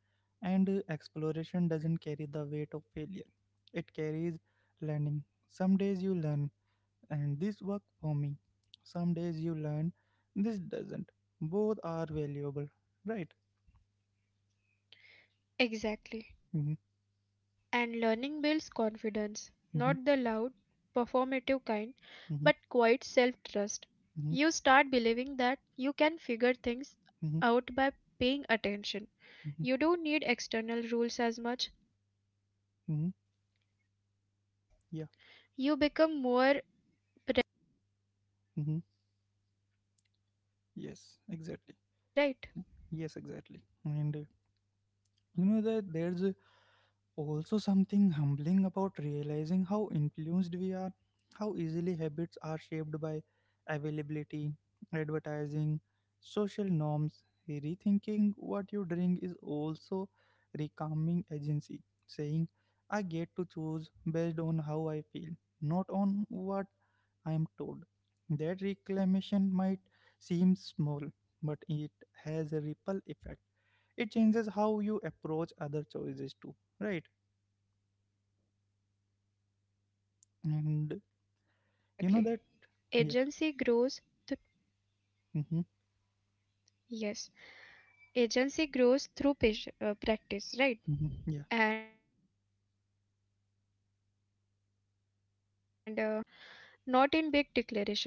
and exploration doesn't carry the weight of failure. It carries learning. Some days you learn, and this worked for me. Some days you learn, this doesn't. Both are valuable, right? Mm-hmm,
Exactly. And learning builds confidence,
mm-hmm,
not the loud, performative kind, but
mm-hmm,
quite self trust.
mm-hmm,
You start believing that you can figure things
mm-hmm,
out by paying
mm-hmm,
attention. You don't need external rules as much.
mm-hmm. Yeah.
You become more
Mm-hmm. Yes, exactly. Yes, exactly.
right.
And you know that there's a also something humbling about realizing how influenced we are, how easily habits are shaped by availability, advertising, social norms. Rethinking what you drink is also recalming agency, saying, I get to choose based on how I feel, not on what I am told. That reclamation might seem small, but it has a ripple effect, it changes how you approach other choices too, right? And
Yes,
you know
exactly.
that, yeah,
Agency grows. Th-
mm-hmm,
yes, agency grows through practice, right?
mm-hmm, yeah,
And daily practices are where real change happens. Not in big declarations,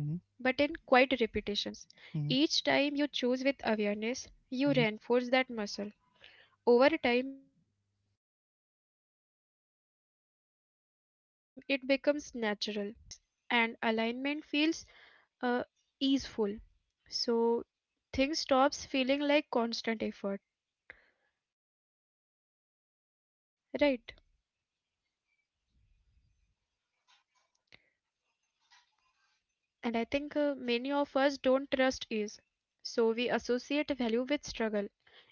mm-hmm,
but in quiet repetitions.
mm-hmm,
Each time you choose with awareness,
mm-hmm,
you reinforce that muscle. Over time, it becomes natural. You don't have to think so hard. Your system aligns, and alignment feels uh, easeful. So, things stops feeling like constant effort, right? And I think many of us don't trust ease. So we associate value with struggle.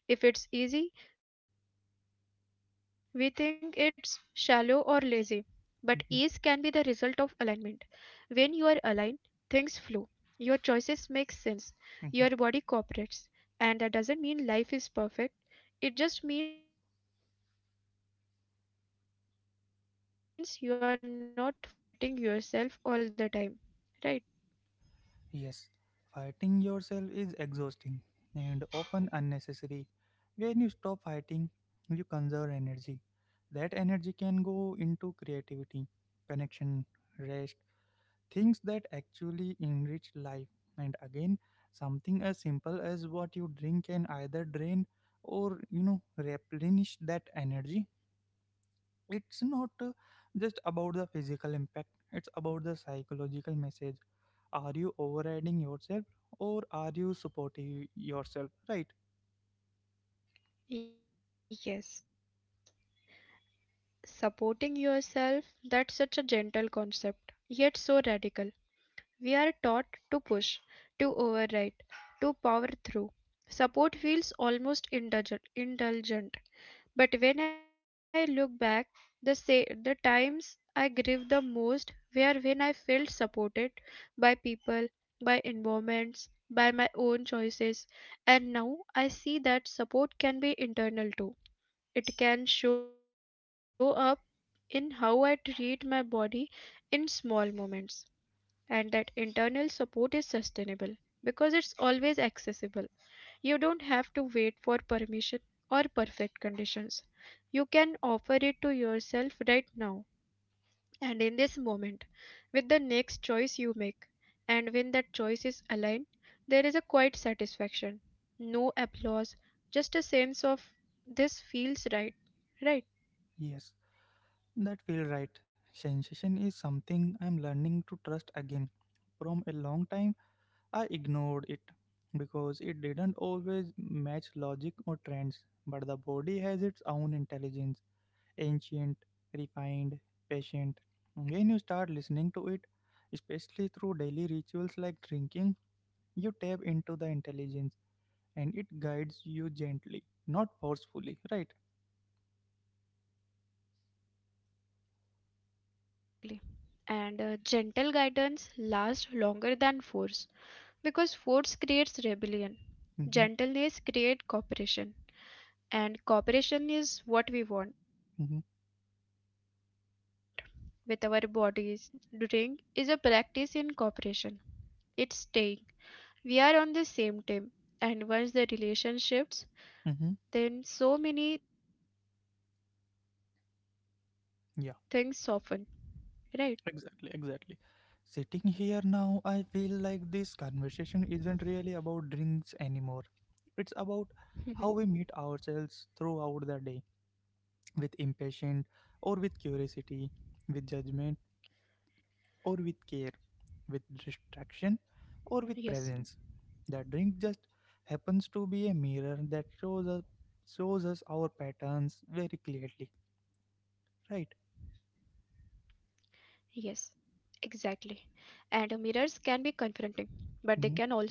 If it's easy, we think it's shallow or lazy. But ease can be the result of
mm-hmm,
alignment. When you are aligned, things flow. Your choices make sense. Your
mm-hmm.
body cooperates. And that doesn't mean life is perfect. It just means you are not fighting yourself all the time. Right?
Yes, fighting yourself is exhausting and often unnecessary. When you stop fighting, you conserve energy, that energy can go into creativity, connection, rest, things that actually enrich life. And again, something as simple as what you drink can either drain or, you know, replenish that energy. It's not just about the physical impact, it's about the psychological message. Are you overriding yourself or are you supporting yourself? Right?
Yes. Supporting yourself, that's such a gentle concept, yet so radical. We are taught to push, to override, to power through. Support feels almost indulgent. But when I look back, the times I grieve the most were when I felt supported by people, by environments, by my own choices. And now I see that support can be internal too, it can show up in how I treat my body in small moments. And that internal support is sustainable because it's always accessible. You don't have to wait for permission or perfect conditions. You can offer it to yourself right now and in this moment with the next choice you make. And when that choice is aligned, there is a quiet satisfaction. No applause, just a sense of this feels right, right?
Yes, that feel right. Sensation is something I'm learning to trust again. From a long time, I ignored it because it didn't always match logic or trends. But the body has its own intelligence ancient, refined, patient. When you start listening to it, especially through daily rituals like drinking, you tap into the intelligence and it guides you gently, not forcefully, right?
Yes, exactly. And gentle guidance lasts longer than force because force creates rebellion.
Mm-hmm,
Gentleness creates cooperation. And cooperation is what we want with
mm-hmm,
our bodies, our minds, our lives. Rethinking what you drink is a practice in cooperation. It's staying. We are on the same team. And once the relation shifts,
mm-hmm.
then so many things soften. Right?
Yeah. Exactly, exactly. Sitting here now, I feel like this conversation isn't really about drinks anymore. It's
hmm
about how we meet ourselves throughout the day with impatience or with curiosity, with judgment or with care, with
yes.
distraction or with presence. The drink just happens to be a mirror that shows us our patterns very clearly, right?
Yes, exactly. And mirrors can be confronting, but they can also be
Mm-hmm,
illuminating.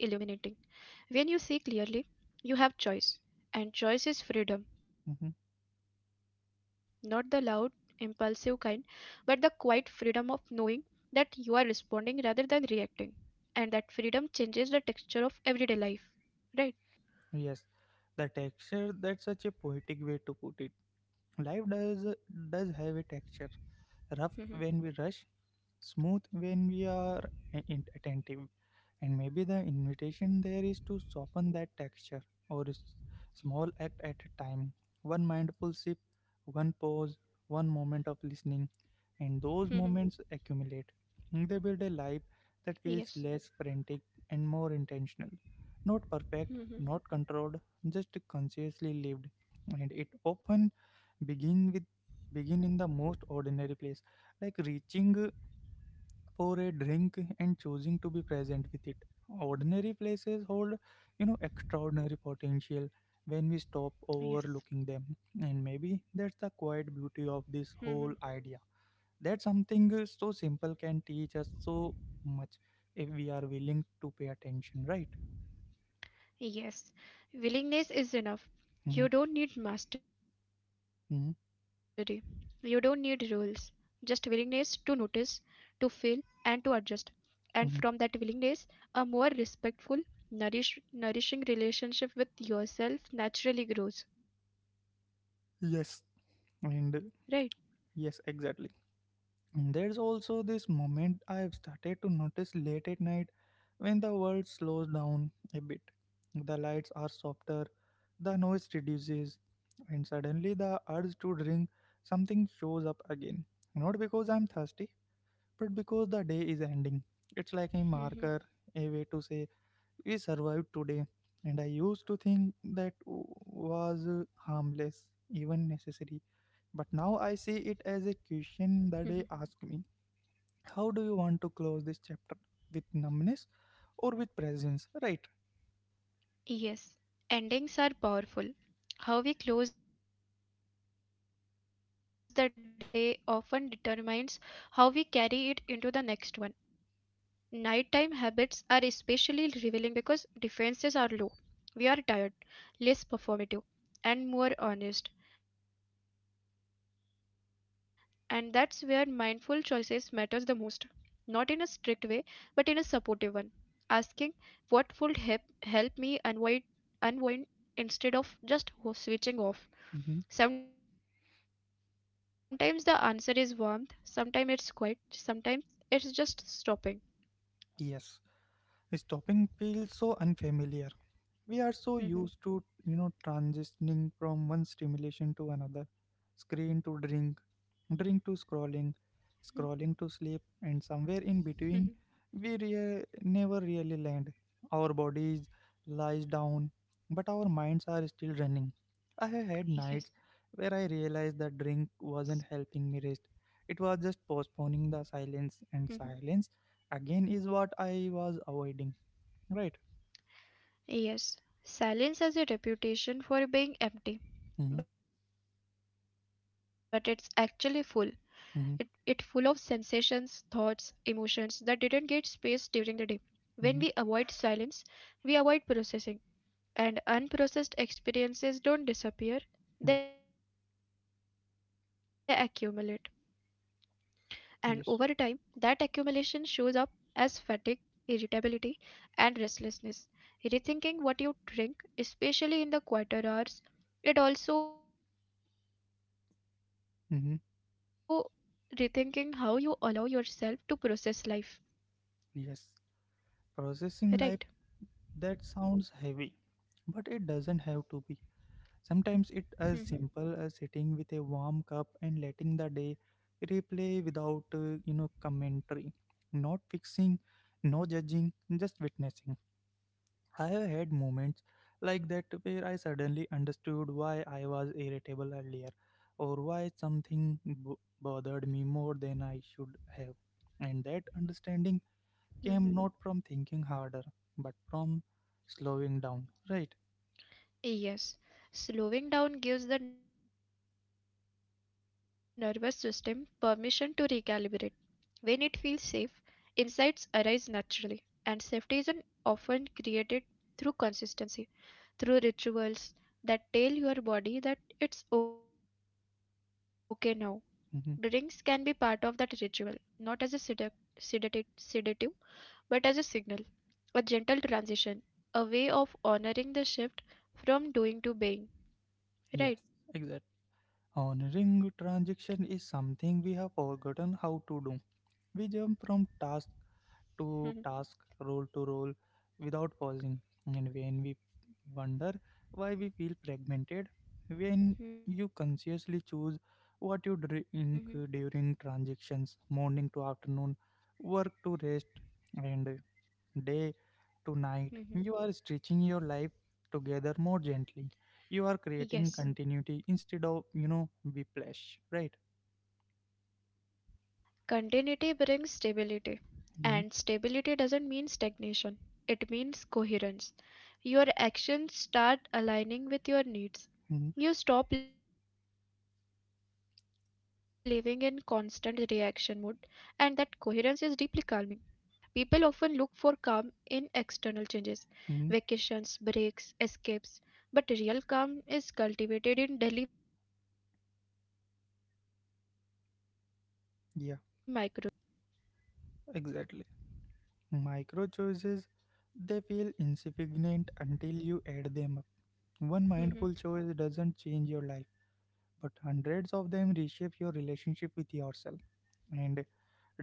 When you see clearly, you have choice. And choice is freedom, not the
mm-hmm.
loud, impulsive kind, but the quiet freedom of knowing that you are responding rather than reacting. And that freedom changes the texture of everyday life. Right?
Yes, the texture that's such a poetic way to put it. Life
Mm-hmm.
does have a texture, rough when we rush, smooth when we are attentive. And maybe the invitation there is to soften that texture, or a small act at a time. One mindful sip, one pause, one
Mm-hmm.
moment of listening, and those moments accumulate. They build
Yes.
a life that feels less frantic and more intentional. Not
Mm-hmm.
perfect, not controlled, just consciously lived. And it often begin with begin in the most ordinary place like reaching for a drink and choosing to be present with it. Ordinary places hold, you know, extraordinary potential when we stop
Yes.
overlooking them. And
Mm-hmm.
maybe that's the quiet beauty of this whole idea. That something so simple can teach us so much if we are willing to pay attention, right?
Yes, willingness is enough. You
Mm-hmm,
don't need mastery. You don't need
mm-hmm,
rules. Just willingness to notice, to feel, and to adjust. And from that willingness,
mm-hmm.
a more respectful, nourishing relationship with yourself naturally grows. Right?
Yes, and yes, exactly. And there's also this moment I've started to notice late at night when the world slows down a bit. The lights are softer, the noise reduces, and suddenly the urge to drink something shows up again. Not because I'm thirsty, but because the day is ending. It's like a
Mhm,
marker, a way to say, we survived today. And I used to think that was harmless, even necessary. But
mhm.
now I see it as a question the day asked me, how do you want to close this chapter, with numbness or with presence, right?
Yes, endings are powerful. How we close the day often determines how we carry it into the next one. Nighttime habits are especially revealing because defenses are low. We are tired, less performative, and more honest. And that's where mindful choices matters the most. Not in a strict way, but in a supportive one. Asking what would help me unwind instead of just switching off.
Mhm.
Sometimes the answer is warmth, sometimes it's quiet, sometimes it's just stopping.
Yes, this topic feels so unfamiliar. We are so used to, you know, transitioning from one stimulation to another, screen to drink, drink to scrolling,
Mhm.
scrolling to sleep, and somewhere in between, we never really land. Our bodies lies down, but our minds are still running. I have had
Yes.
nights where I realized that drink wasn't helping me rest. It was just
Mhm.
postponing the silence, and silence again is what I was avoiding. Right?
Yes. Silence has a reputation for being empty, but
Mm-hmm,
it's actually full. It it full of sensations,
mm-hmm,
thoughts, emotions that didn't get space during the day. When we avoid
mm-hmm.
silence, we avoid processing, and unprocessed experiences don't disappear, they
Yeah.
accumulate. And over time that accumulation shows
Yes.
up as fatigue, irritability, and restlessness. Rethinking what you drink, especially in the quieter hours, it also rethinking how you allow yourself
Mm-hmm.
to process life, right?
Yes. Processing life, that sounds heavy, but it doesn't have to be.
Mhm,
Sometimes it's as simple as sitting with a warm cup and letting the day replay without, you know, commentary, not fixing, no judging, just witnessing. I have had moments like that where I suddenly understood why I was irritable earlier or why something bothered me more than I should have. And that understanding
mhm.
came not from thinking harder, but from slowing down, right?
Yes, slowing down gives the nervous system permission to recalibrate. When it feels safe, insights arise naturally, and safety is often created through consistency, through rituals that tell your body that it's okay now. Drinks can be part of that
Hmm.
ritual, not as a sedati- sedative, but as a signal, a gentle transition, a way of honoring the shift from doing to being.
Yes,
Right?
exactly. Honoring transaction is something we have forgotten how to do. We jump
hmm
from task to task, role to role, without pausing. And when we wonder why we feel fragmented, when
hmm
you consciously choose what you drink during transactions, morning to afternoon, work to rest, and day
hmm
to night. You are stitching your life together more gently. You are
Yes.
creating continuity instead of, you know, whiplash, right?
Yes, continuity brings stability, and stability doesn't mean stagnation, it means coherence. Your actions start aligning with your needs.
Mm-hmm.
You stop living in constant reaction mode, and that coherence is deeply calming. People often look for calm in external changes, vacations,
Hmm.
breaks, escapes, but real calm is cultivated in daily micro choices, right?
Yeah, exactly. Micro choices, they feel insignificant until you add them up. One mindful choice doesn't change your life, but hundreds of them reshape your relationship with yourself. And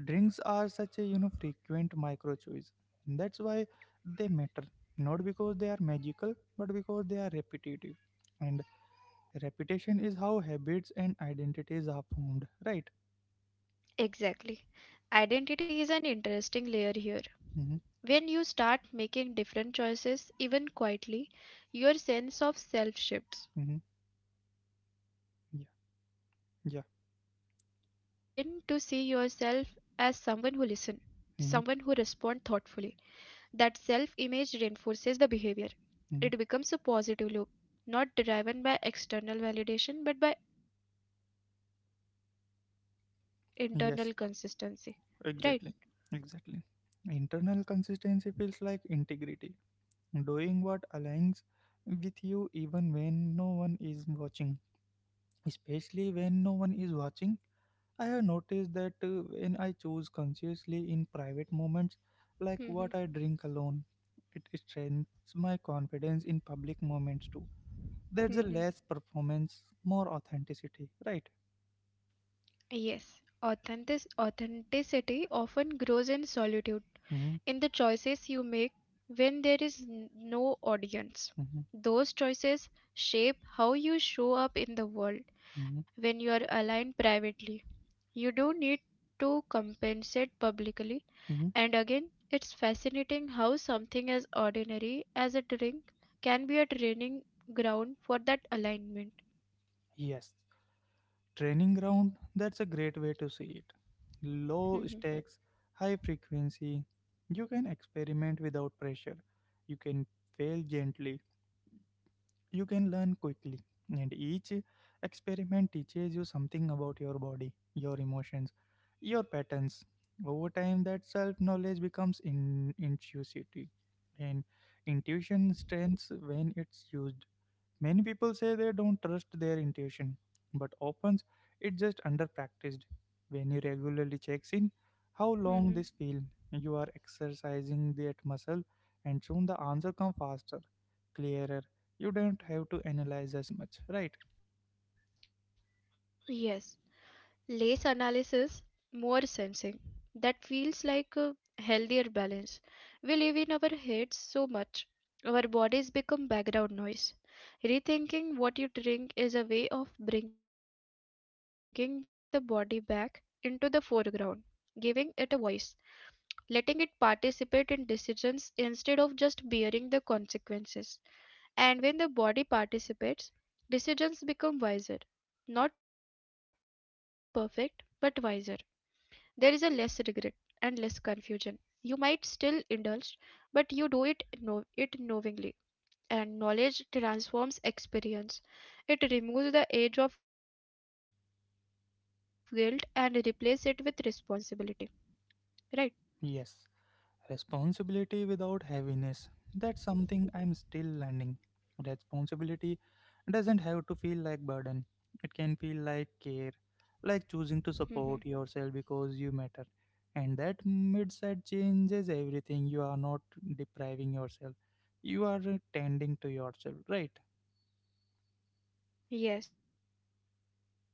drinks are such a, you know, frequent micro choice. That's why they matter. Not because they are magical, but because they are repetitive. And repetition is how habits and identities are formed, right?
Exactly. Identity is an interesting layer here.
Mm-hmm,
When you start making different choices, even quietly, your sense of self shifts.
mm-hmm, yeah,
You begin to see
yeah,
yourself as someone who listens, someone who responds thoughtfully.
mm-hmm,
That self image reinforces the behavior. It becomes a
mm-hmm.
positive loop, not driven by external validation but by internal consistency. Right?
Yes, exactly, exactly. Internal consistency feels like integrity, doing what aligns with you even when no one is watching, especially when no one is watching. I have noticed that when I choose consciously in private moments, like what I
Hmm.
drink alone, it strengthens my confidence in public moments too. There's a less performance, more authenticity, right?
Yes, authentic authenticity often grows in solitude,
Mm-hmm,
in the choices you make when there is no audience.
mm-hmm,
Those choices shape how you show up in the world
mm-hmm,
when you are aligned privately. You don't need to compensate publicly.
mm-hmm.
And again, it's fascinating how something as ordinary as a drink can be a training ground for that alignment.
Yes, training ground, that's a great way to see it. Low
Mhm.
stakes, high frequency. You can experiment without pressure. You can fail gently, you can learn quickly, and each experiment teaches you something about your body, your emotions, your patterns. Over time that self knowledge becomes in intuitive, and intuition strengthens when it's used. Many people say they don't trust their intuition, but often it's just under practiced. When you regularly checks in, how long this feel, you
Mhm.
are exercising that muscle, and soon the answer comes faster, clearer. You don't have to analyze as much, right?
Yes. Less analysis, more sensing. That feels like a healthier balance. We live in our heads so much, our bodies become background noise. Rethinking what you drink is a way of bringing the body back into the foreground, giving it a voice, letting it participate in decisions instead of just bearing the consequences. And when the body participates, decisions become wiser, not perfect, but wiser. There is a less regret and less confusion. You might still indulge, but you do it knowingly. And knowledge transforms experience. It removes the edge of guilt and replaces it with responsibility. Right?
Yes, responsibility without heaviness. That's something I'm still learning. Responsibility doesn't have to feel like burden. It can feel like care,
Hmm.
like choosing to support yourself because you matter. And that mindset changes everything. You are not depriving yourself. You are tending to yourself, right?
Yes, exactly.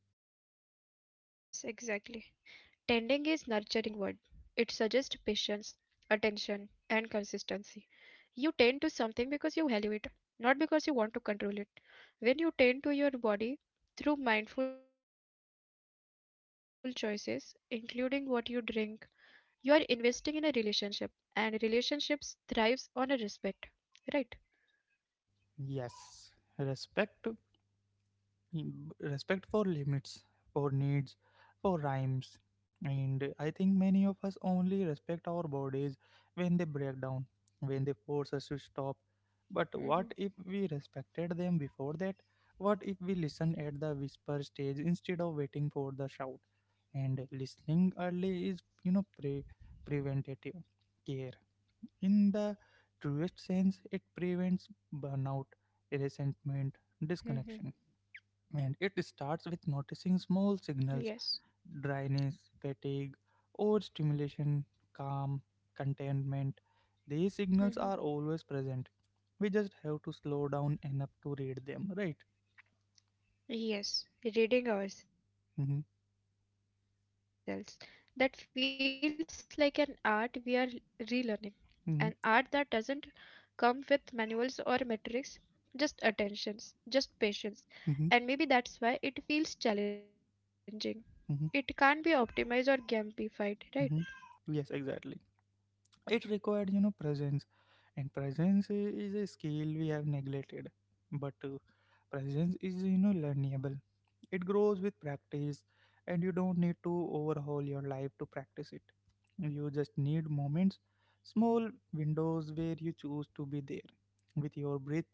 Tending is nurturing word. It suggests patience, attention, and consistency. You tend to something because you value it, not because you want to control it. When you tend to your body through mindful choices, including what you drink, you are investing in a relationship, and relationships thrives on a respect, right?
Yes. Respect. Mm, respect for limits, for needs, for rhymes. And I think many of us only respect our bodies when they break down, when they force us to stop. But what if
Mm-hmm.
we respected them before that? What if we listen at the whisper stage instead of waiting for the shout? And listening early is, you know, preventative care. In the truest sense, it prevents burnout, resentment, disconnection,
Mm-hmm.
and it
Yes.
starts with noticing small signals, dryness, fatigue, overstimulation, calm, contentment. These
Mm-hmm.
signals are always present. We just have to slow down enough to read them, right?
Yes, reading ourselves.
hmm
That feels like an art we are relearning. An art that doesn't come with
hmm
manuals or metrics, just attentions, just patience. And maybe that's why it
hmm
feels challenging. It can't be optimized or
hmm
gamified, right?
hmm Yes, exactly. It required, you know, presence, and presence is a skill we have neglected, but presence is, you know, learnable. It grows with practice, and you don't need to overhaul your life to practice it. You just need moments, small windows where you choose to be there with your breath,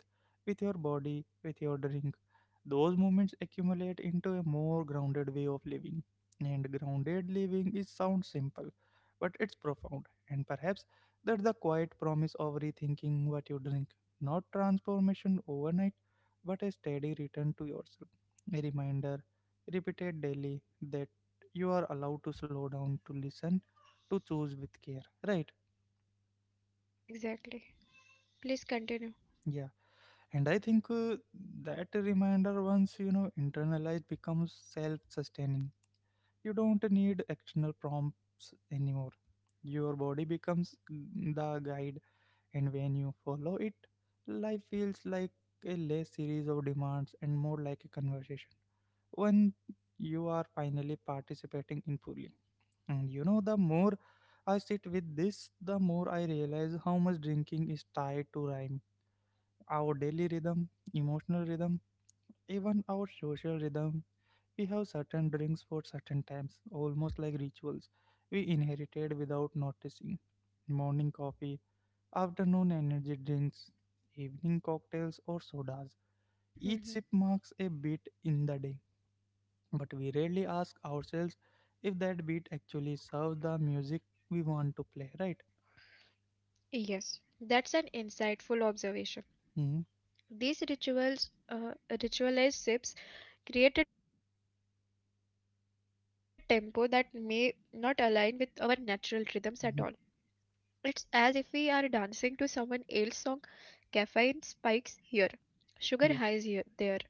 with your body, with your drink. Those moments accumulate into a more grounded way of living. And grounded living is sounds simple, but it's profound. And perhaps that's the quiet promise of rethinking what you drink. Not transformation overnight, but a steady return to yourself. A reminder, repeated
Hmm.
daily, that you are allowed to slow down, to listen, to choose with care. Right?
Yes, exactly. Please continue.
Yeah. And I think that reminder, once you know, internalized, becomes self sustaining. You don't need external prompts anymore. Your body becomes the guide, and when you follow it, life feels like a less series of demands and more like a conversation. When you are finally participating in fully. And you know, the more I sit with this, the more I realize how much drinking is tied to rhyme. Our daily rhythm, emotional rhythm, even our social rhythm. We have certain drinks for certain times, almost like rituals we inherited without noticing. Morning coffee, afternoon energy drinks, evening cocktails or sodas. Each
Hmm.
sip marks a beat in the day, but we rarely ask ourselves if that beat actually serves the music we want to play, right?
Yes, that's an insightful observation.
Mm-hmm.
These rituals, ritualized sips, create a tempo that may not align with our natural rhythms at all. It's
Hmm.
as if we are dancing to someone else's song. Caffeine spikes here, sugar highs here,
Yeah.
there.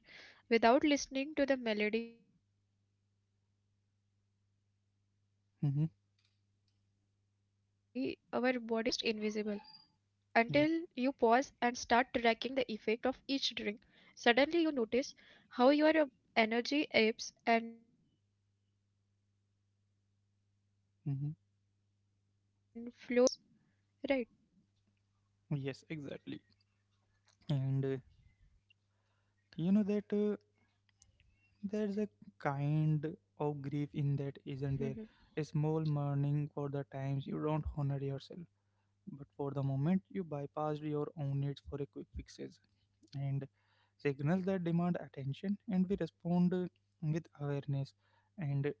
Without listening to the melody our bodies actually prefer. And it's subtle,
Hmm.
almost invisible. Until you pause and start
Yeah.
tracking the effect of each drink. Suddenly, you notice how your energy ebbs and flows, how your focus wavers, how your mood
Hmm.
shifts. Right?
Yes, exactly. And you know that there's a
Mhm.
kind of grief in that, isn't there? A small mourning for the times you don't honor yourself, but for the moment you bypassed your own needs for a quick fixes and signals that demand attention, and we respond with awareness. And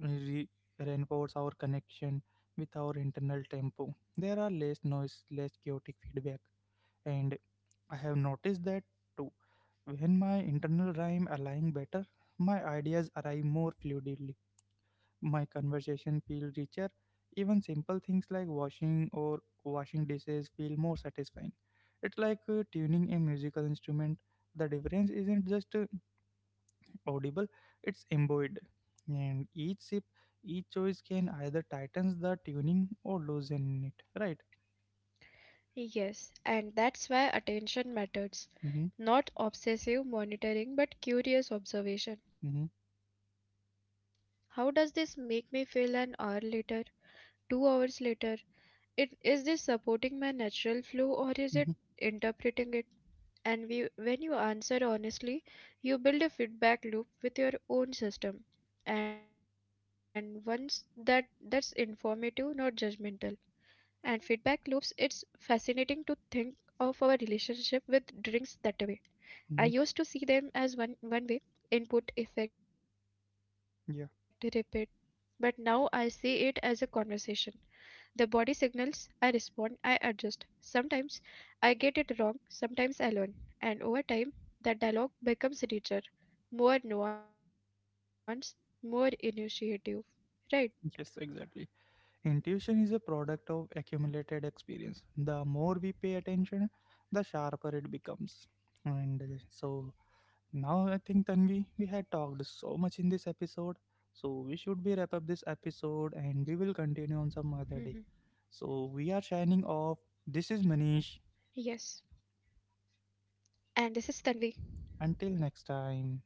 re- reinforce our connection with our internal tempo. There are less noise, less chaotic feedback, and I have noticed that too. When my internal rhyme align better, my ideas arrive more fluidly. My conversation feel richer. Even simple things like washing dishes feel more satisfying. It's like tuning a musical instrument. The difference isn't just audible, it's embuoyed. And each sip, each choice can either tightens the tuning or loosen it. Right?
Yes, and that's why attention matters.
Mm-hmm.
Not obsessive monitoring, but curious observation.
Mm-hmm.
How does this make me feel an hour later, 2 hours later? It, is this supporting my natural flow or is it
Mm-hmm.
interpreting it? And we, when you answer honestly, you build a feedback loop with your own system. And once that's informative, not judgmental. And feedback loops, it's fascinating to think of our relationship with drinks that way.
Mm-hmm.
I used to see them as one way input, effect,
Yeah.
repeat, but now I see it as a conversation. The body signals, I respond, I adjust. Sometimes I get it wrong, sometimes I learn, and over time that dialogue becomes richer, more nuanced, more initiative. Right?
Yes, exactly. Intuition is a product of accumulated experience. The more we pay attention, the sharper it becomes. And so now I think Tanvi, we had talked so much in this episode. So we should be wrap up this episode and
Mhm.
we will continue on some other day. So we are signing off. This is
Yes.
Manish.
And this is Tanvi.
Until next time.